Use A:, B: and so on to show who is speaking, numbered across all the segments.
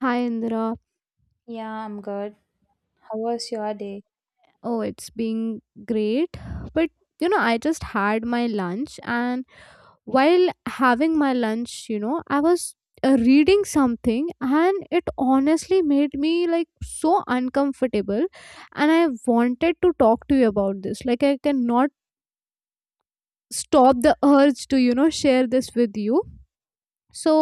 A: Hi Indra.
B: Yeah, I'm good. How was your day?
A: Oh, it's been great. But I just had my lunch, and while having my lunch, I was reading something, and it honestly made me like so uncomfortable. And I wanted to talk to you about this. Like, I cannot stop the urge to, share this with you. So,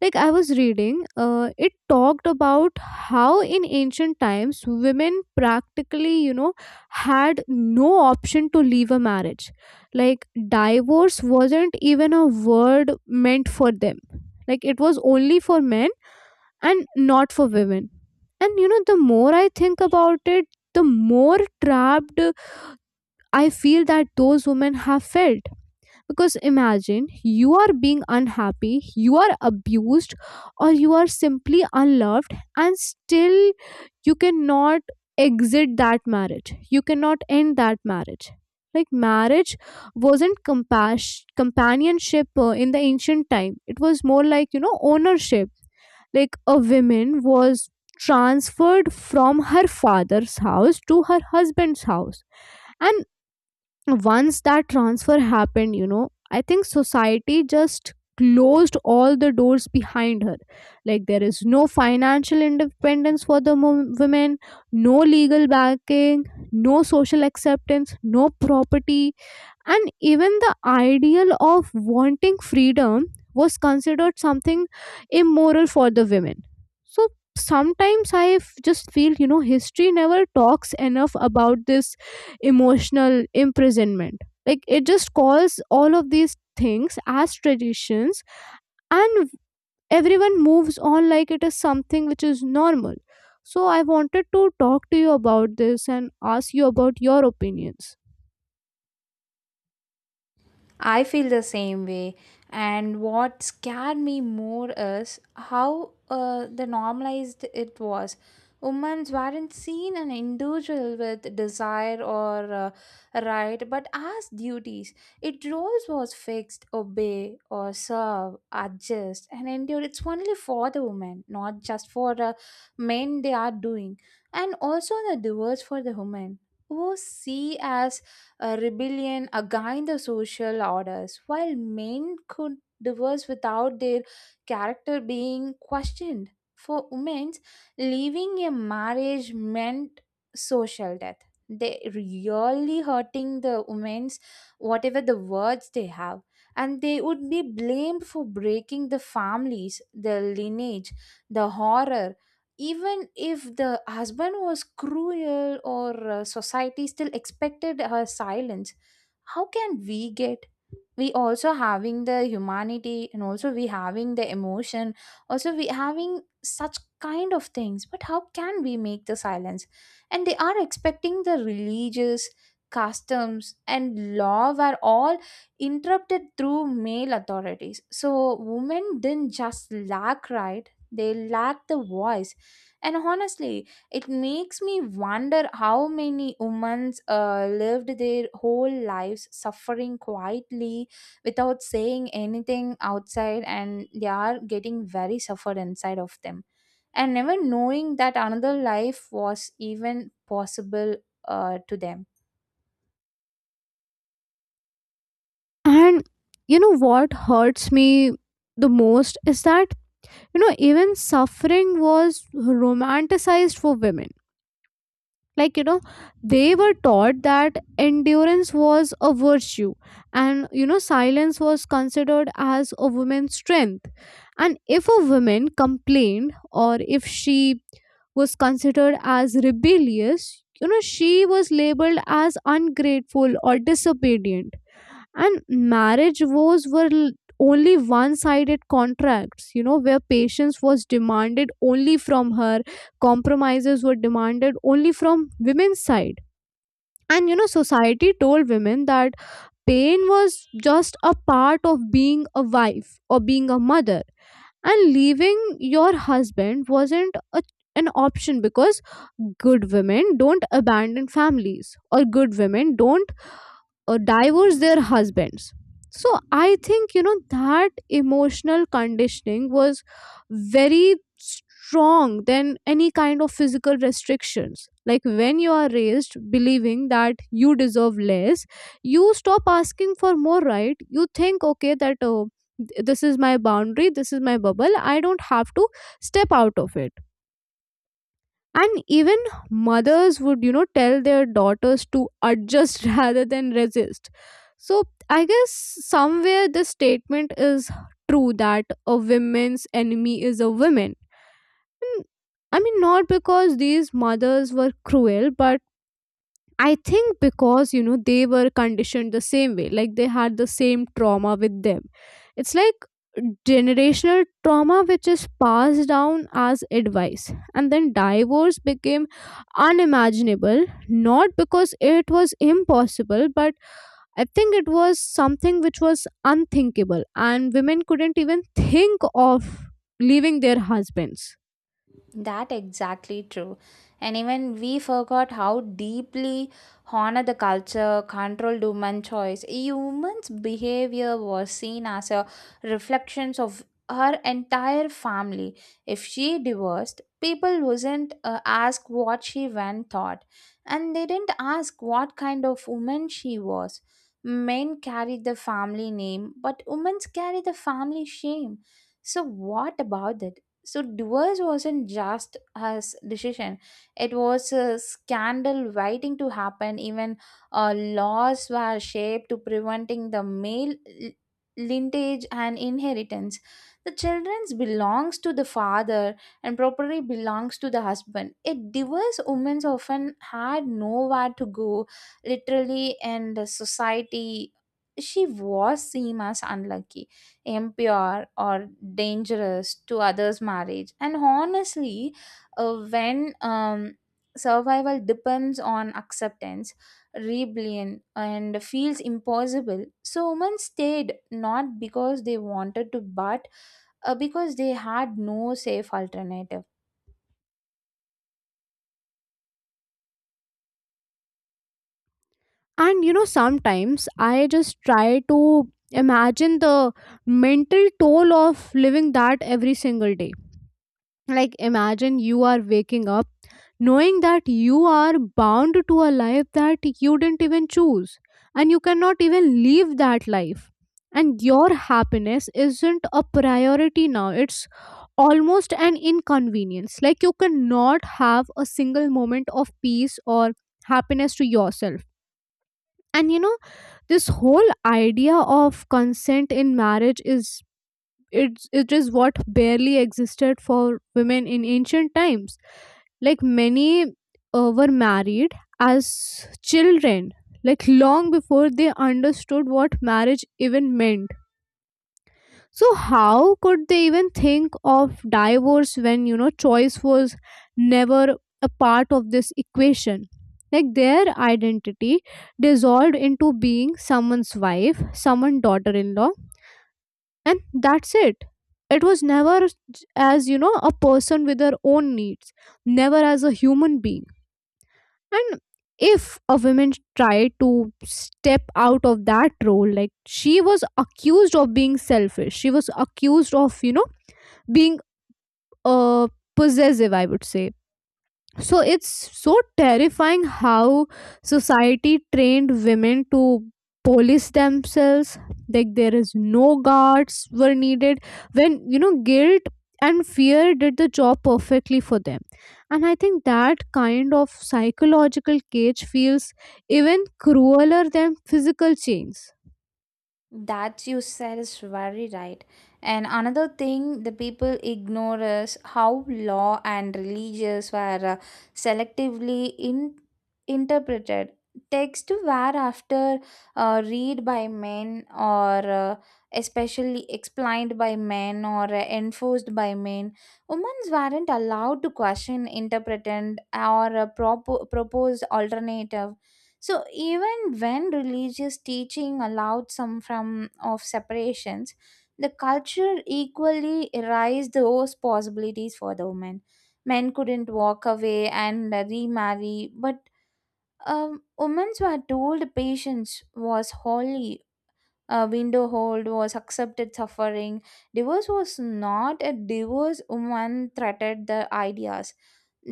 A: like I was reading it talked about how in ancient times women practically had no option to leave a marriage, like divorce wasn't even a word meant for them, like it was only for men and not for women. And the more I think about it, the more trapped I feel that those women have felt, because imagine you are being unhappy, you are abused, or you are simply unloved, and still you cannot exit that marriage. You cannot end that marriage. Like marriage wasn't companionship in the ancient time, it was more like, ownership. Like a woman was transferred from her father's house to her husband's house, and once that transfer happened, I think society just closed all the doors behind her. Like there is no financial independence for the women, no legal backing, no social acceptance, no property, and even the ideal of wanting freedom was considered something immoral for the women. So sometimes I just feel, history never talks enough about this emotional imprisonment. Like it just calls all of these things as traditions, and everyone moves on like it is something which is normal. So I wanted to talk to you about this and ask you about your opinions.
B: I feel the same way. And what scared me more is how the normalized it was. Women weren't seen an individual with desire or right, but as duties. It roles was fixed, obey or serve, adjust and endure. It's only for the women, not just for the men they are doing. And also the doers for the women who see as a rebellion against the social orders, while men could divorce without their character being questioned. For women, leaving a marriage meant social death. They really hurting the women's whatever the words they have, and they would be blamed for breaking the families, the lineage, the horror even if the husband was cruel or society still expected her silence. How can we get we also having the humanity and also we having the emotion also we having such kind of things, but how can we make the silence? And they are expecting the religious customs and law were all interrupted through male authorities, so women didn't just lack right, they lack the voice. And honestly, it makes me wonder how many women lived their whole lives suffering quietly without saying anything outside, and they are getting very suffered inside of them and never knowing that another life was even possible to them.
A: And what hurts me the most is that, even suffering was romanticized for women. Like they were taught that endurance was a virtue, and silence was considered as a woman's strength. And if a woman complained, or if she was considered as rebellious, she was labeled as ungrateful or disobedient. And marriage vows were only one-sided contracts, where patience was demanded only from her, compromises were demanded only from women's side. And society told women that pain was just a part of being a wife or being a mother, and leaving your husband wasn't a, an option, because good women don't abandon families, or good women don't divorce their husbands. So I think that emotional conditioning was very strong than any kind of physical restrictions. Like when you are raised believing that you deserve less, you stop asking for more, right? You think, okay, that oh, this is my boundary, this is my bubble, I don't have to step out of it. And even mothers would tell their daughters to adjust rather than resist. So I guess somewhere this statement is true, that a woman's enemy is a woman. And, I mean, not because these mothers were cruel, but I think because they were conditioned the same way, like they had the same trauma with them. It's like generational trauma which is passed down as advice, and then divorce became unimaginable not because it was impossible, but I think it was something which was unthinkable, and women couldn't even think of leaving their husbands.
B: That exactly true. And even we forgot how deeply honor the culture controlled human choice. Humans' behavior was seen as a reflections of her entire family. If she divorced, people wasn't ask what she went thought, and they didn't ask what kind of woman she was. Men carried the family name, but women carry the family shame. So what about that? So divorce wasn't just his decision, it was a scandal waiting to happen. Even laws were shaped to preventing the male l- lineage and inheritance. The children's belongs to the father and property belongs to the husband. A divorced woman often had nowhere to go literally, and the society she was seen as unlucky, impure or dangerous to others marriage. And honestly, when survival depends on acceptance, rebellion and feels impossible, so women stayed not because they wanted to, but because they had no safe alternative.
A: And you know, sometimes I just try to imagine the mental toll of living that every single day. Like, imagine you are waking up knowing that you are bound to a life that you didn't even choose, and you cannot even leave that life. And your happiness isn't a priority now, it's almost an inconvenience. Like, you cannot have a single moment of peace or happiness to yourself. And this whole idea of consent in marriage is, it is what barely existed for women in ancient times. Like many were married as children, like long before they understood what marriage even meant. So how could they even think of divorce when choice was never a part of this equation? Like their identity dissolved into being someone's wife, someone's daughter-in-law, and that's it. It was never as you know a person with her own needs, never as a human being. And if a woman tried to step out of that role, like she was accused of being selfish, she was accused of being uh, possessive, I would say. So it's so terrifying how society trained women to police themselves. Like there is no guards were needed when guilt and fear did the job perfectly for them. And I think that kind of psychological cage feels even crueler than physical chains.
B: That you said is very right. And another thing the people ignore is how law and religious were selectively interpreted. Texts were after read by men or especially explained by men or enforced by men. Women weren't allowed to question, interpret, and or propose alternative. So even when religious teaching allowed some from of separations, the culture equally erased those possibilities for the women. Men couldn't walk away and remarry, but women were told patience was holy, a window hold was accepted suffering. Divorce was not a divorce woman threatened the ideas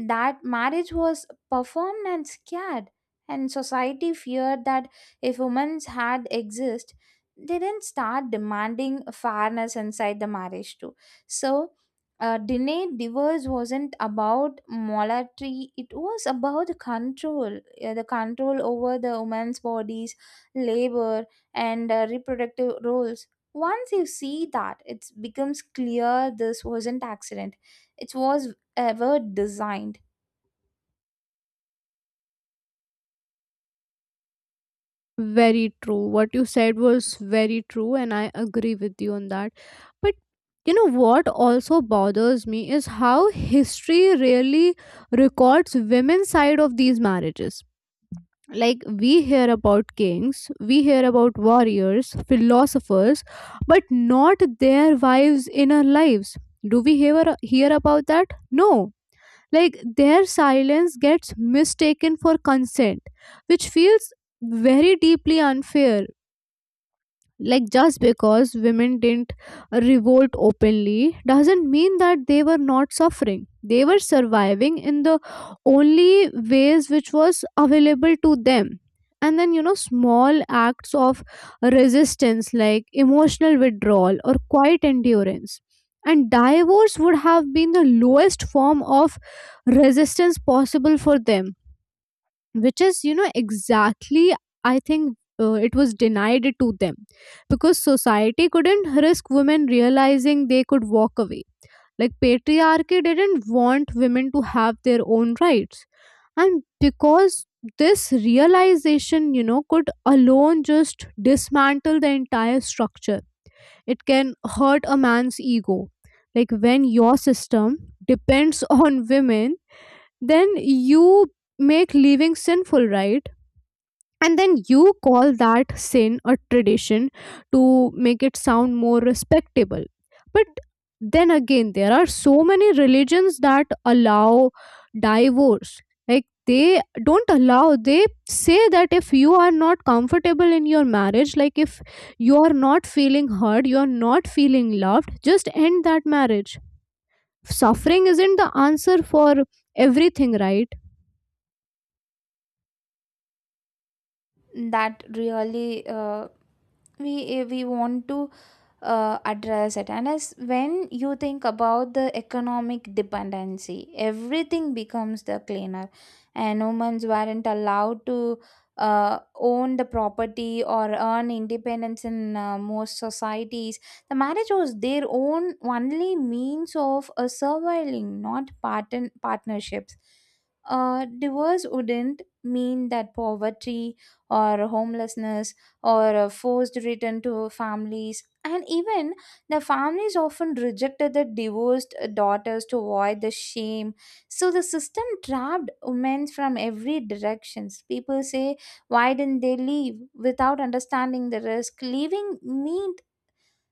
B: that marriage was performed and scared, and society feared that if women had exist, they didn't start demanding fairness inside the marriage too. So delayed divorce wasn't about monetary, it was about the control, the control over the women's bodies, labor, and reproductive roles. Once you see that, it becomes clear this wasn't accident, it was ever designed.
A: Very true. What you said was very true, and I agree with you on that. But what also bothers me is how history really records women's side of these marriages. Like we hear about kings, we hear about warriors, philosophers, but not their wives in our lives. Do we hear about that? No, like their silence gets mistaken for consent, which feels very deeply unfair. Like just because women didn't revolt openly doesn't mean that they were not suffering. They were surviving in the only ways which was available to them, and then small acts of resistance like emotional withdrawal or quiet endurance, and divorce would have been the lowest form of resistance possible for them, which is exactly I think it was denied it to them, because society couldn't risk women realizing they could walk away. Like patriarchy didn't want women to have their own rights, and because this realization could alone just dismantle the entire structure. It can hurt a man's ego. Like when your system depends on women, then you make leaving sinful, right? And then you call that sin a tradition to make it sound more respectable. But then again, there are so many religions that allow divorce. Like they don't allow, they say that if you are not comfortable in your marriage, like if you are not feeling heard, you are not feeling loved, just end that marriage. Suffering isn't the answer for everything, right?
B: That really we we want to address it. And as when you think about the economic dependency, everything becomes the cleaner. And humans weren't allowed to own the property or earn independence in most societies. The marriage was their own only means of surviving, not partnerships. Divorce wouldn't mean that poverty, or homelessness, or a forced return to families. And even the families often rejected the divorced daughters to avoid the shame. So the system trapped women from every directions. People say why didn't they leave without understanding the risk leaving me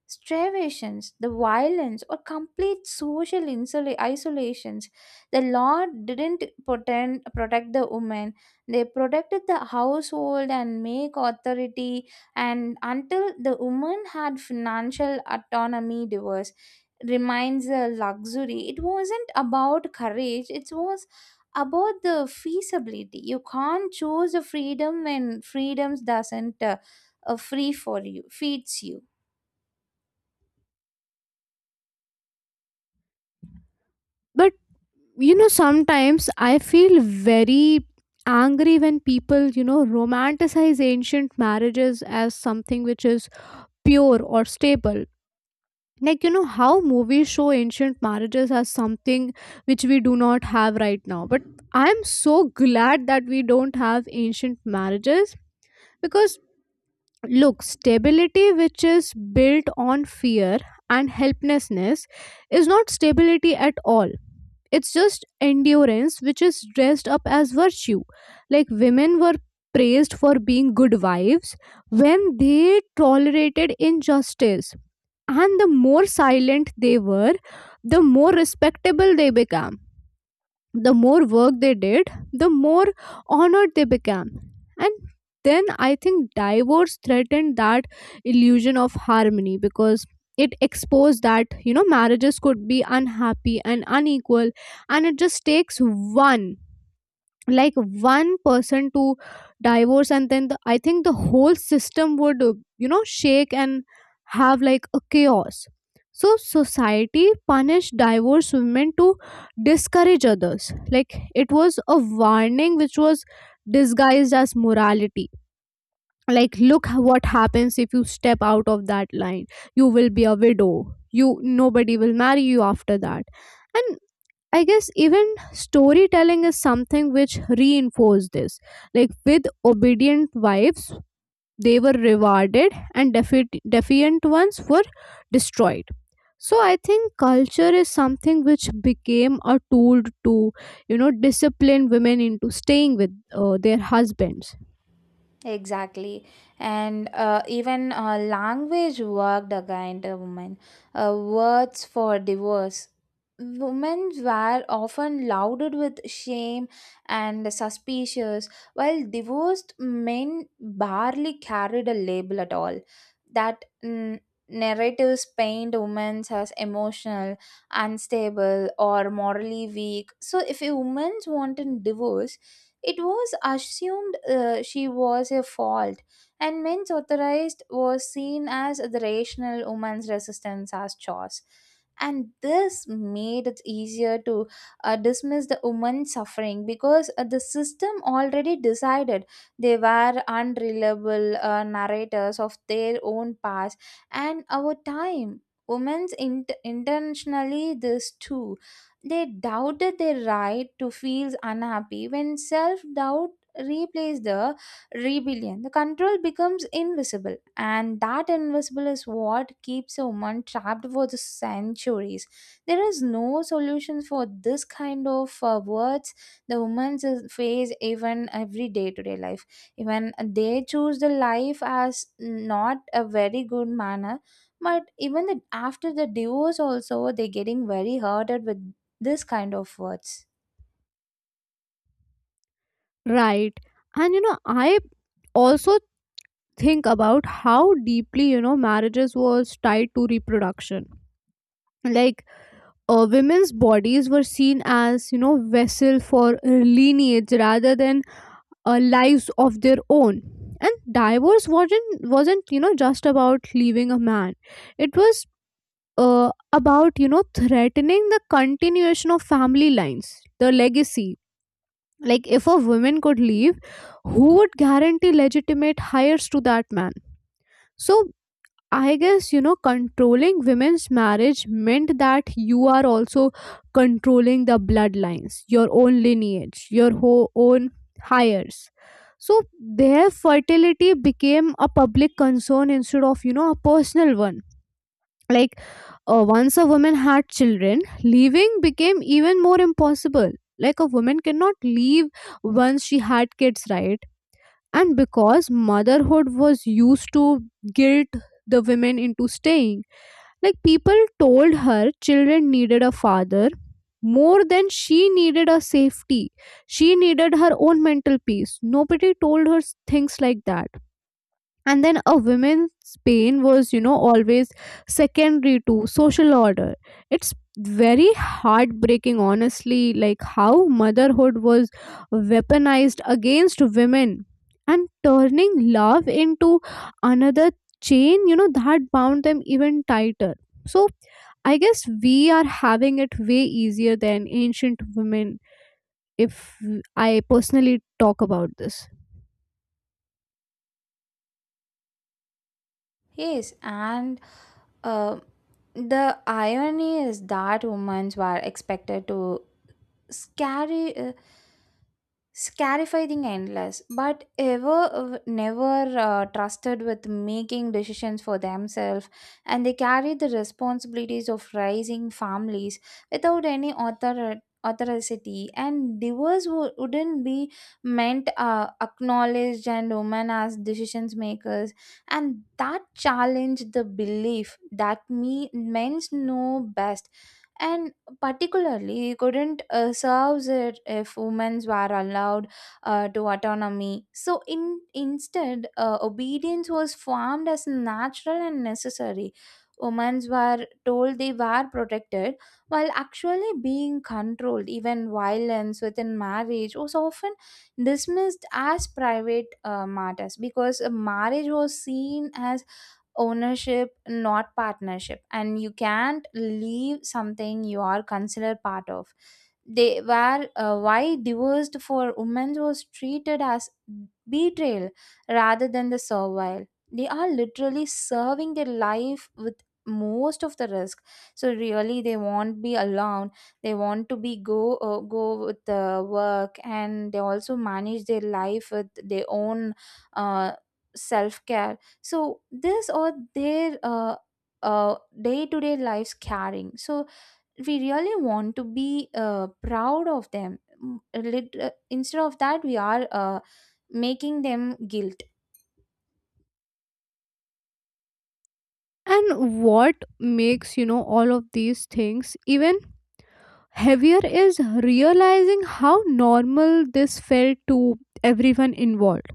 B: starvations, the violence, or complete isolations. The law didn't pretend, protect the women. They protected the household and make authority, and until the woman had financial autonomy, divorce remains a luxury. It wasn't about courage, it was about the feasibility. You can't choose the freedom when freedom doesn't free for you, feeds you.
A: But sometimes I feel very angry when people romanticize ancient marriages as something which is pure or stable. Like how movies show ancient marriages as something which we do not have right now. But I'm so glad that we don't have ancient marriages, because look, stability which is built on fear and helplessness is not stability at all. It's just endurance which is dressed up as virtue. Like women were praised for being good wives when they tolerated injustice. And the more silent they were, the more respectable they became. The more work they did, the more honored they became. And then I think divorce threatened that illusion of harmony, because it exposed that, you know, marriages could be unhappy and unequal, and it just takes one, like one person to divorce, and then the, I think the whole system would you know shake and have like a chaos. So society punished divorced women to discourage others. Like it was a warning which was disguised as morality. Like look what happens if you step out of that line, you will be a widow, you, nobody will marry you after that. And I guess even storytelling is something which reinforced this. Like with obedient wives, they were rewarded, and defiant ones were destroyed. So I think culture is something which became a tool to, you know, discipline women into staying with their husbands.
B: Exactly. And even language worked against a woman. Words for divorce. Women were often lauded with shame and suspicious, while divorced men barely carried a label at all. That narratives paint women as emotional, unstable, or morally weak. So, if a woman wanted divorce, it was assumed she was a fault, and men's authorized was seen as the rational woman's resistance as chores. And this made it easier to dismiss the woman's suffering, because the system already decided they were unreliable narrators of their own past and our time. Women's intentionally this too, they doubted their right to feel unhappy when self doubt replaces the rebellion. The control becomes invisible, and that invisible is what keeps a woman trapped for the centuries. There is no solution for this kind of words the women face even every day to day life. Even they choose the life as not a very good manner, but even the, after the divorce also, they're getting very hurted with this kind of words.
A: Right. And you know, I also think about how deeply, you know, marriages was tied to reproduction. Like women's bodies were seen as, you know, vessel for lineage rather than lives of their own. And divorce wasn't, you know, just about leaving a man. It was about, you know, threatening the continuation of family lines, the legacy. Like if a woman could leave, who would guarantee legitimate hires to that man? So I guess controlling women's marriage meant that you are also controlling the bloodlines, your own lineage, your own hires. So their fertility became a public concern instead of a personal one. Like once a woman had children, leaving became even more impossible. Like a woman cannot leave once she had kids, right? And because motherhood was used to guilt the women into staying, like people told her children needed a father more than she needed a safety. She needed her own mental peace. Nobody told her things like that, and then a woman's pain was, always secondary to social order. It's very heartbreaking, honestly, like how motherhood was weaponized against women and turning love into another chain, that bound them even tighter. So I guess we are having it way easier than ancient women, if I personally talk about this.
B: Yes, and uh, the irony is that women were expected to carry. Scarifying endless but ever never trusted with making decisions for themselves, and they carry the responsibilities of raising families without any authority. And divorce wouldn't be meant acknowledged and women as decisions makers, and that challenged the belief that me men's know best. And particularly couldn't serve it if women were allowed to autonomy. So in instead, obedience was formed as natural and necessary. Women were told they were protected while actually being controlled. Even violence within marriage was often dismissed as private matters, because marriage was seen as ownership not partnership, and you can't leave something you are considered part of. They were why divorced for women was treated as betrayal rather than the servile. They are literally serving their life with most of the risk, so really they won't be alone. They want to be go with the work, and they also manage their life with their own uh, self care. So this or their uh, day-to-day lives carrying, so we really want to be proud of them. Instead of that, we are making them guilt.
A: And what makes, all of these things even heavier is realizing how normal this felt to everyone involved.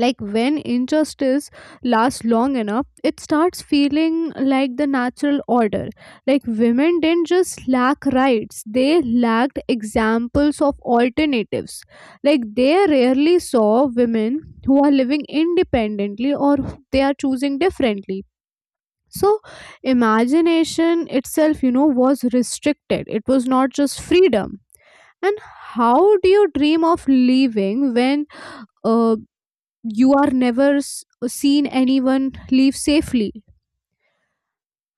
A: Like when injustice lasts long enough, it starts feeling like the natural order. Like women didn't just lack rights, they lacked examples of alternatives. Like they rarely saw women who are living independently or they are choosing differently, so imagination itself, was restricted, it was not just freedom. And how do you dream of leaving when uh, you are never seen anyone leave safely?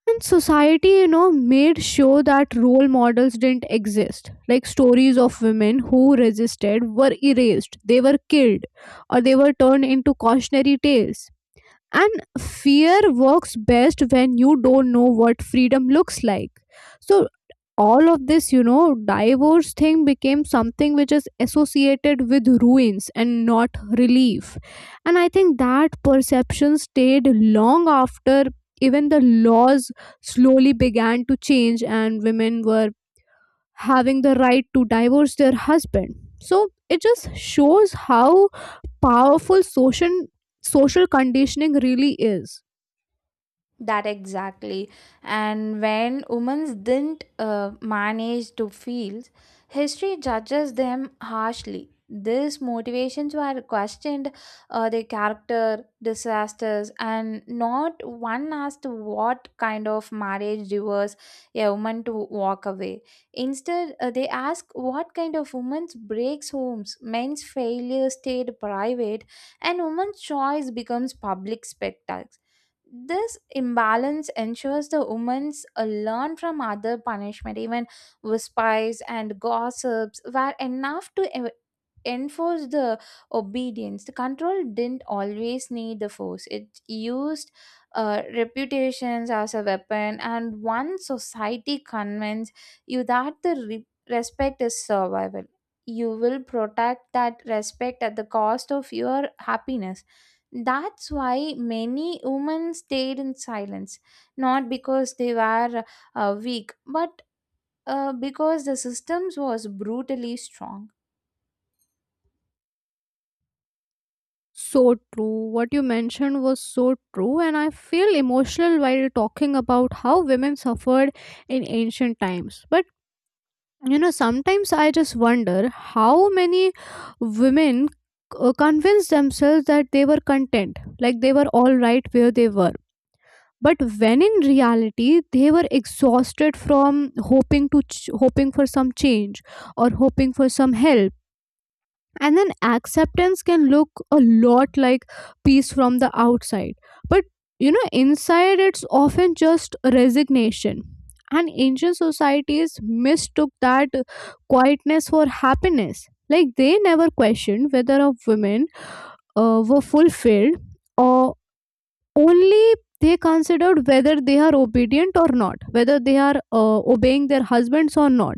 A: And society, made sure that role models didn't exist. Like stories of women who resisted were erased, they were killed or they were turned into cautionary tales. And fear works best when you don't know what freedom looks like. So all of this, divorce thing became something which is associated with ruins and not relief. And I think that perception stayed long after even the laws slowly began to change and women were having the right to divorce their husband. So it just shows how powerful social conditioning really is.
B: That exactly. And when women didn't manage to feel, history judges them harshly. These motivations were questioned, their character, disasters, and not one asked what kind of marriage reverse a woman to walk away. Instead, they ask what kind of woman's breaks homes. Men's failure stayed private, and woman's choice becomes public spectacle. This imbalance ensures the women's learn from other punishment. Even whispers and gossips were enough to enforce the obedience. The control didn't always need the force, it used reputations as a weapon. And once society convinces you that the respect is survival, you will protect that respect at the cost of your happiness. That's why many women stayed in silence, not because they were weak, but because the systems was brutally strong.
A: So true. What you mentioned was so true, and I feel emotional while talking about how women suffered in ancient times. But you know, sometimes I just wonder how many women convinced themselves that they were content, like they were all right where they were, but when in reality they were exhausted from hoping for some change or hoping for some help. And then acceptance can look a lot like peace from the outside, but inside it's often just resignation. And ancient societies mistook that quietness for happiness. Like they never questioned whether a woman were fulfilled, or only they considered whether they are obedient or not, whether they are obeying their husbands or not.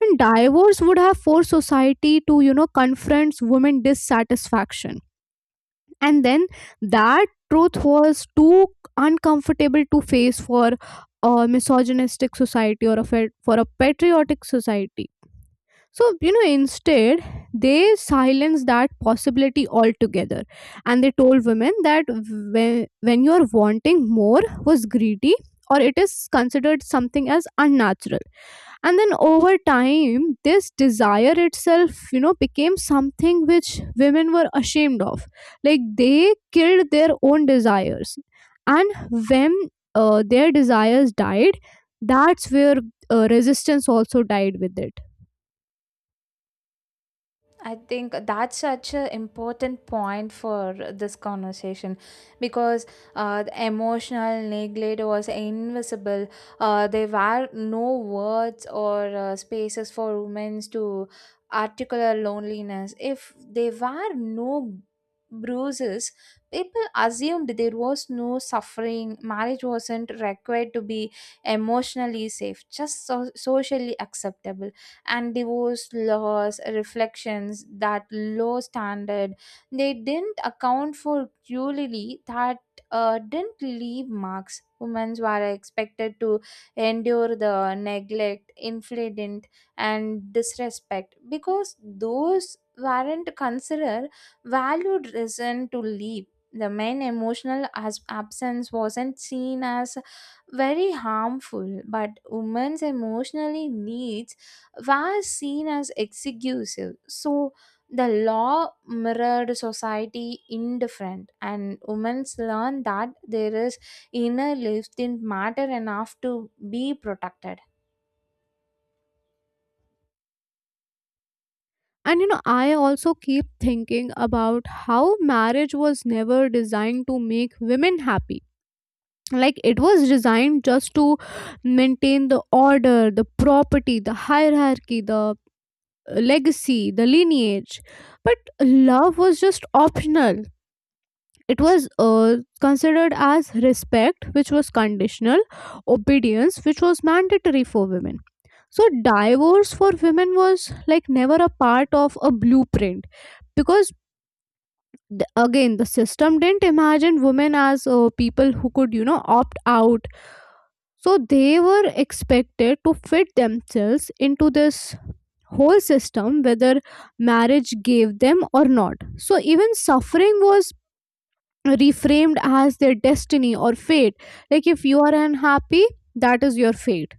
A: And divorce would have forced society to, you know, confront women dissatisfaction. And then that truth was too uncomfortable to face for a misogynistic society or a for a patriotic society. So, you know, instead, they silenced that possibility altogether. And they told women that when you're wanting more was greedy, or it is considered something as unnatural. And then over time, this desire itself, became something which women were ashamed of. Like they killed their own desires. And when their desires died, that's where resistance also died with it.
B: I think that's such an important point for this conversation because the emotional neglect was invisible. There were no words or spaces for women to articulate loneliness. If there were no bruises, people assumed there was no suffering. Marriage wasn't required to be emotionally safe, just socially acceptable, and divorce laws reflections that low standard. They didn't account for cruelty that didn't leave marks. Women were expected to endure the neglect infliction and disrespect because those weren't considered valued reason to leave. The main emotional as absence wasn't seen as very harmful, but women's emotionally needs were seen as executive. So the law mirrored society indifferent, and women learned that there is inner life didn't matter enough to be protected.
A: And you know, I also keep thinking about how marriage was never designed to make women happy. Like it was designed just to maintain the order, the property, the hierarchy, the legacy, the lineage, but love was just optional. It was considered as respect which was conditional, obedience which was mandatory for women. So divorce for women was like never a part of a blueprint, because again, the system didn't imagine women as people who could, you know, opt out. So they were expected to fit themselves into this whole system, whether marriage gave them or not. So even suffering was reframed as their destiny or fate. Like if you are unhappy, that is your fate.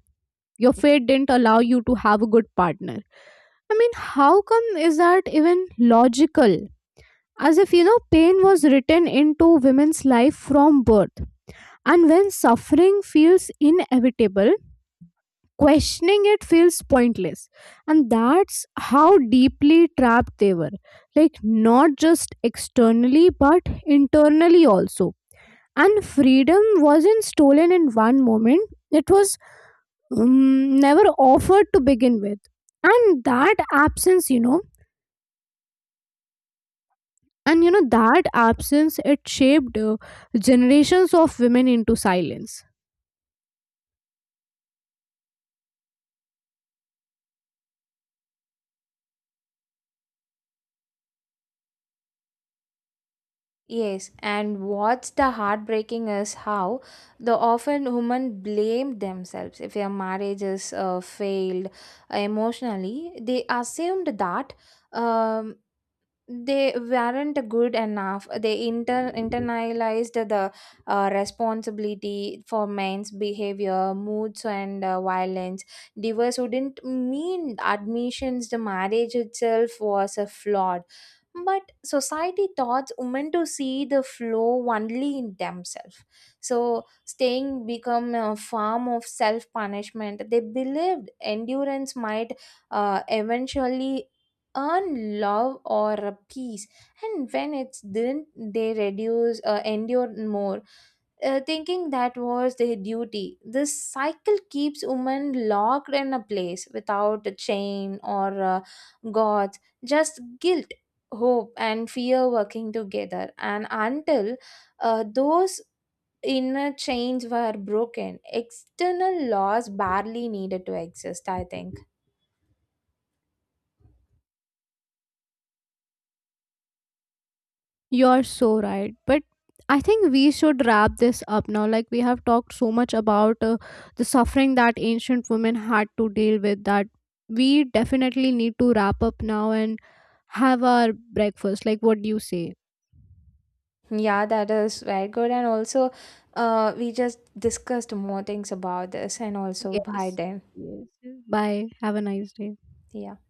A: Your fate didn't allow you to have a good partner. I mean, how come is that even logical? As if, you know, pain was written into women's life from birth. And when suffering feels inevitable, questioning it feels pointless, and that's how deeply trapped they were, like not just externally but internally also. And freedom wasn't stolen in one moment, it was never offered to begin with. And that absence, you know, and you know that absence it shaped generations of women into silence.
B: Yes, and what's the heartbreaking is how the often women blame themselves if their marriages failed emotionally. They assumed that um, they weren't good enough. They inter internalized the responsibility for men's behavior, moods, and violence. Divorce wouldn't mean admissions the marriage itself was a flaw, but society taught women to see the flow only in themselves. So staying become a form of self punishment. They believed endurance might eventually earn love or a peace, and when it didn't, they reduce endure more, thinking that was their duty. This cycle keeps women locked in a place without a chain or gods, just guilt, hope and fear working together. And until those inner chains were broken, external laws barely needed to exist, I think.
A: You're so right. But I think we should wrap this up now. Like, we have talked so much about the suffering that ancient women had to deal with, that we definitely need to wrap up now and have our breakfast. Like, what do you say?
B: Yeah, that is very good. And also, we just discussed more things about this and also by
A: Yes.
B: then.
A: Yes. Bye. Have a nice day.
B: Yeah.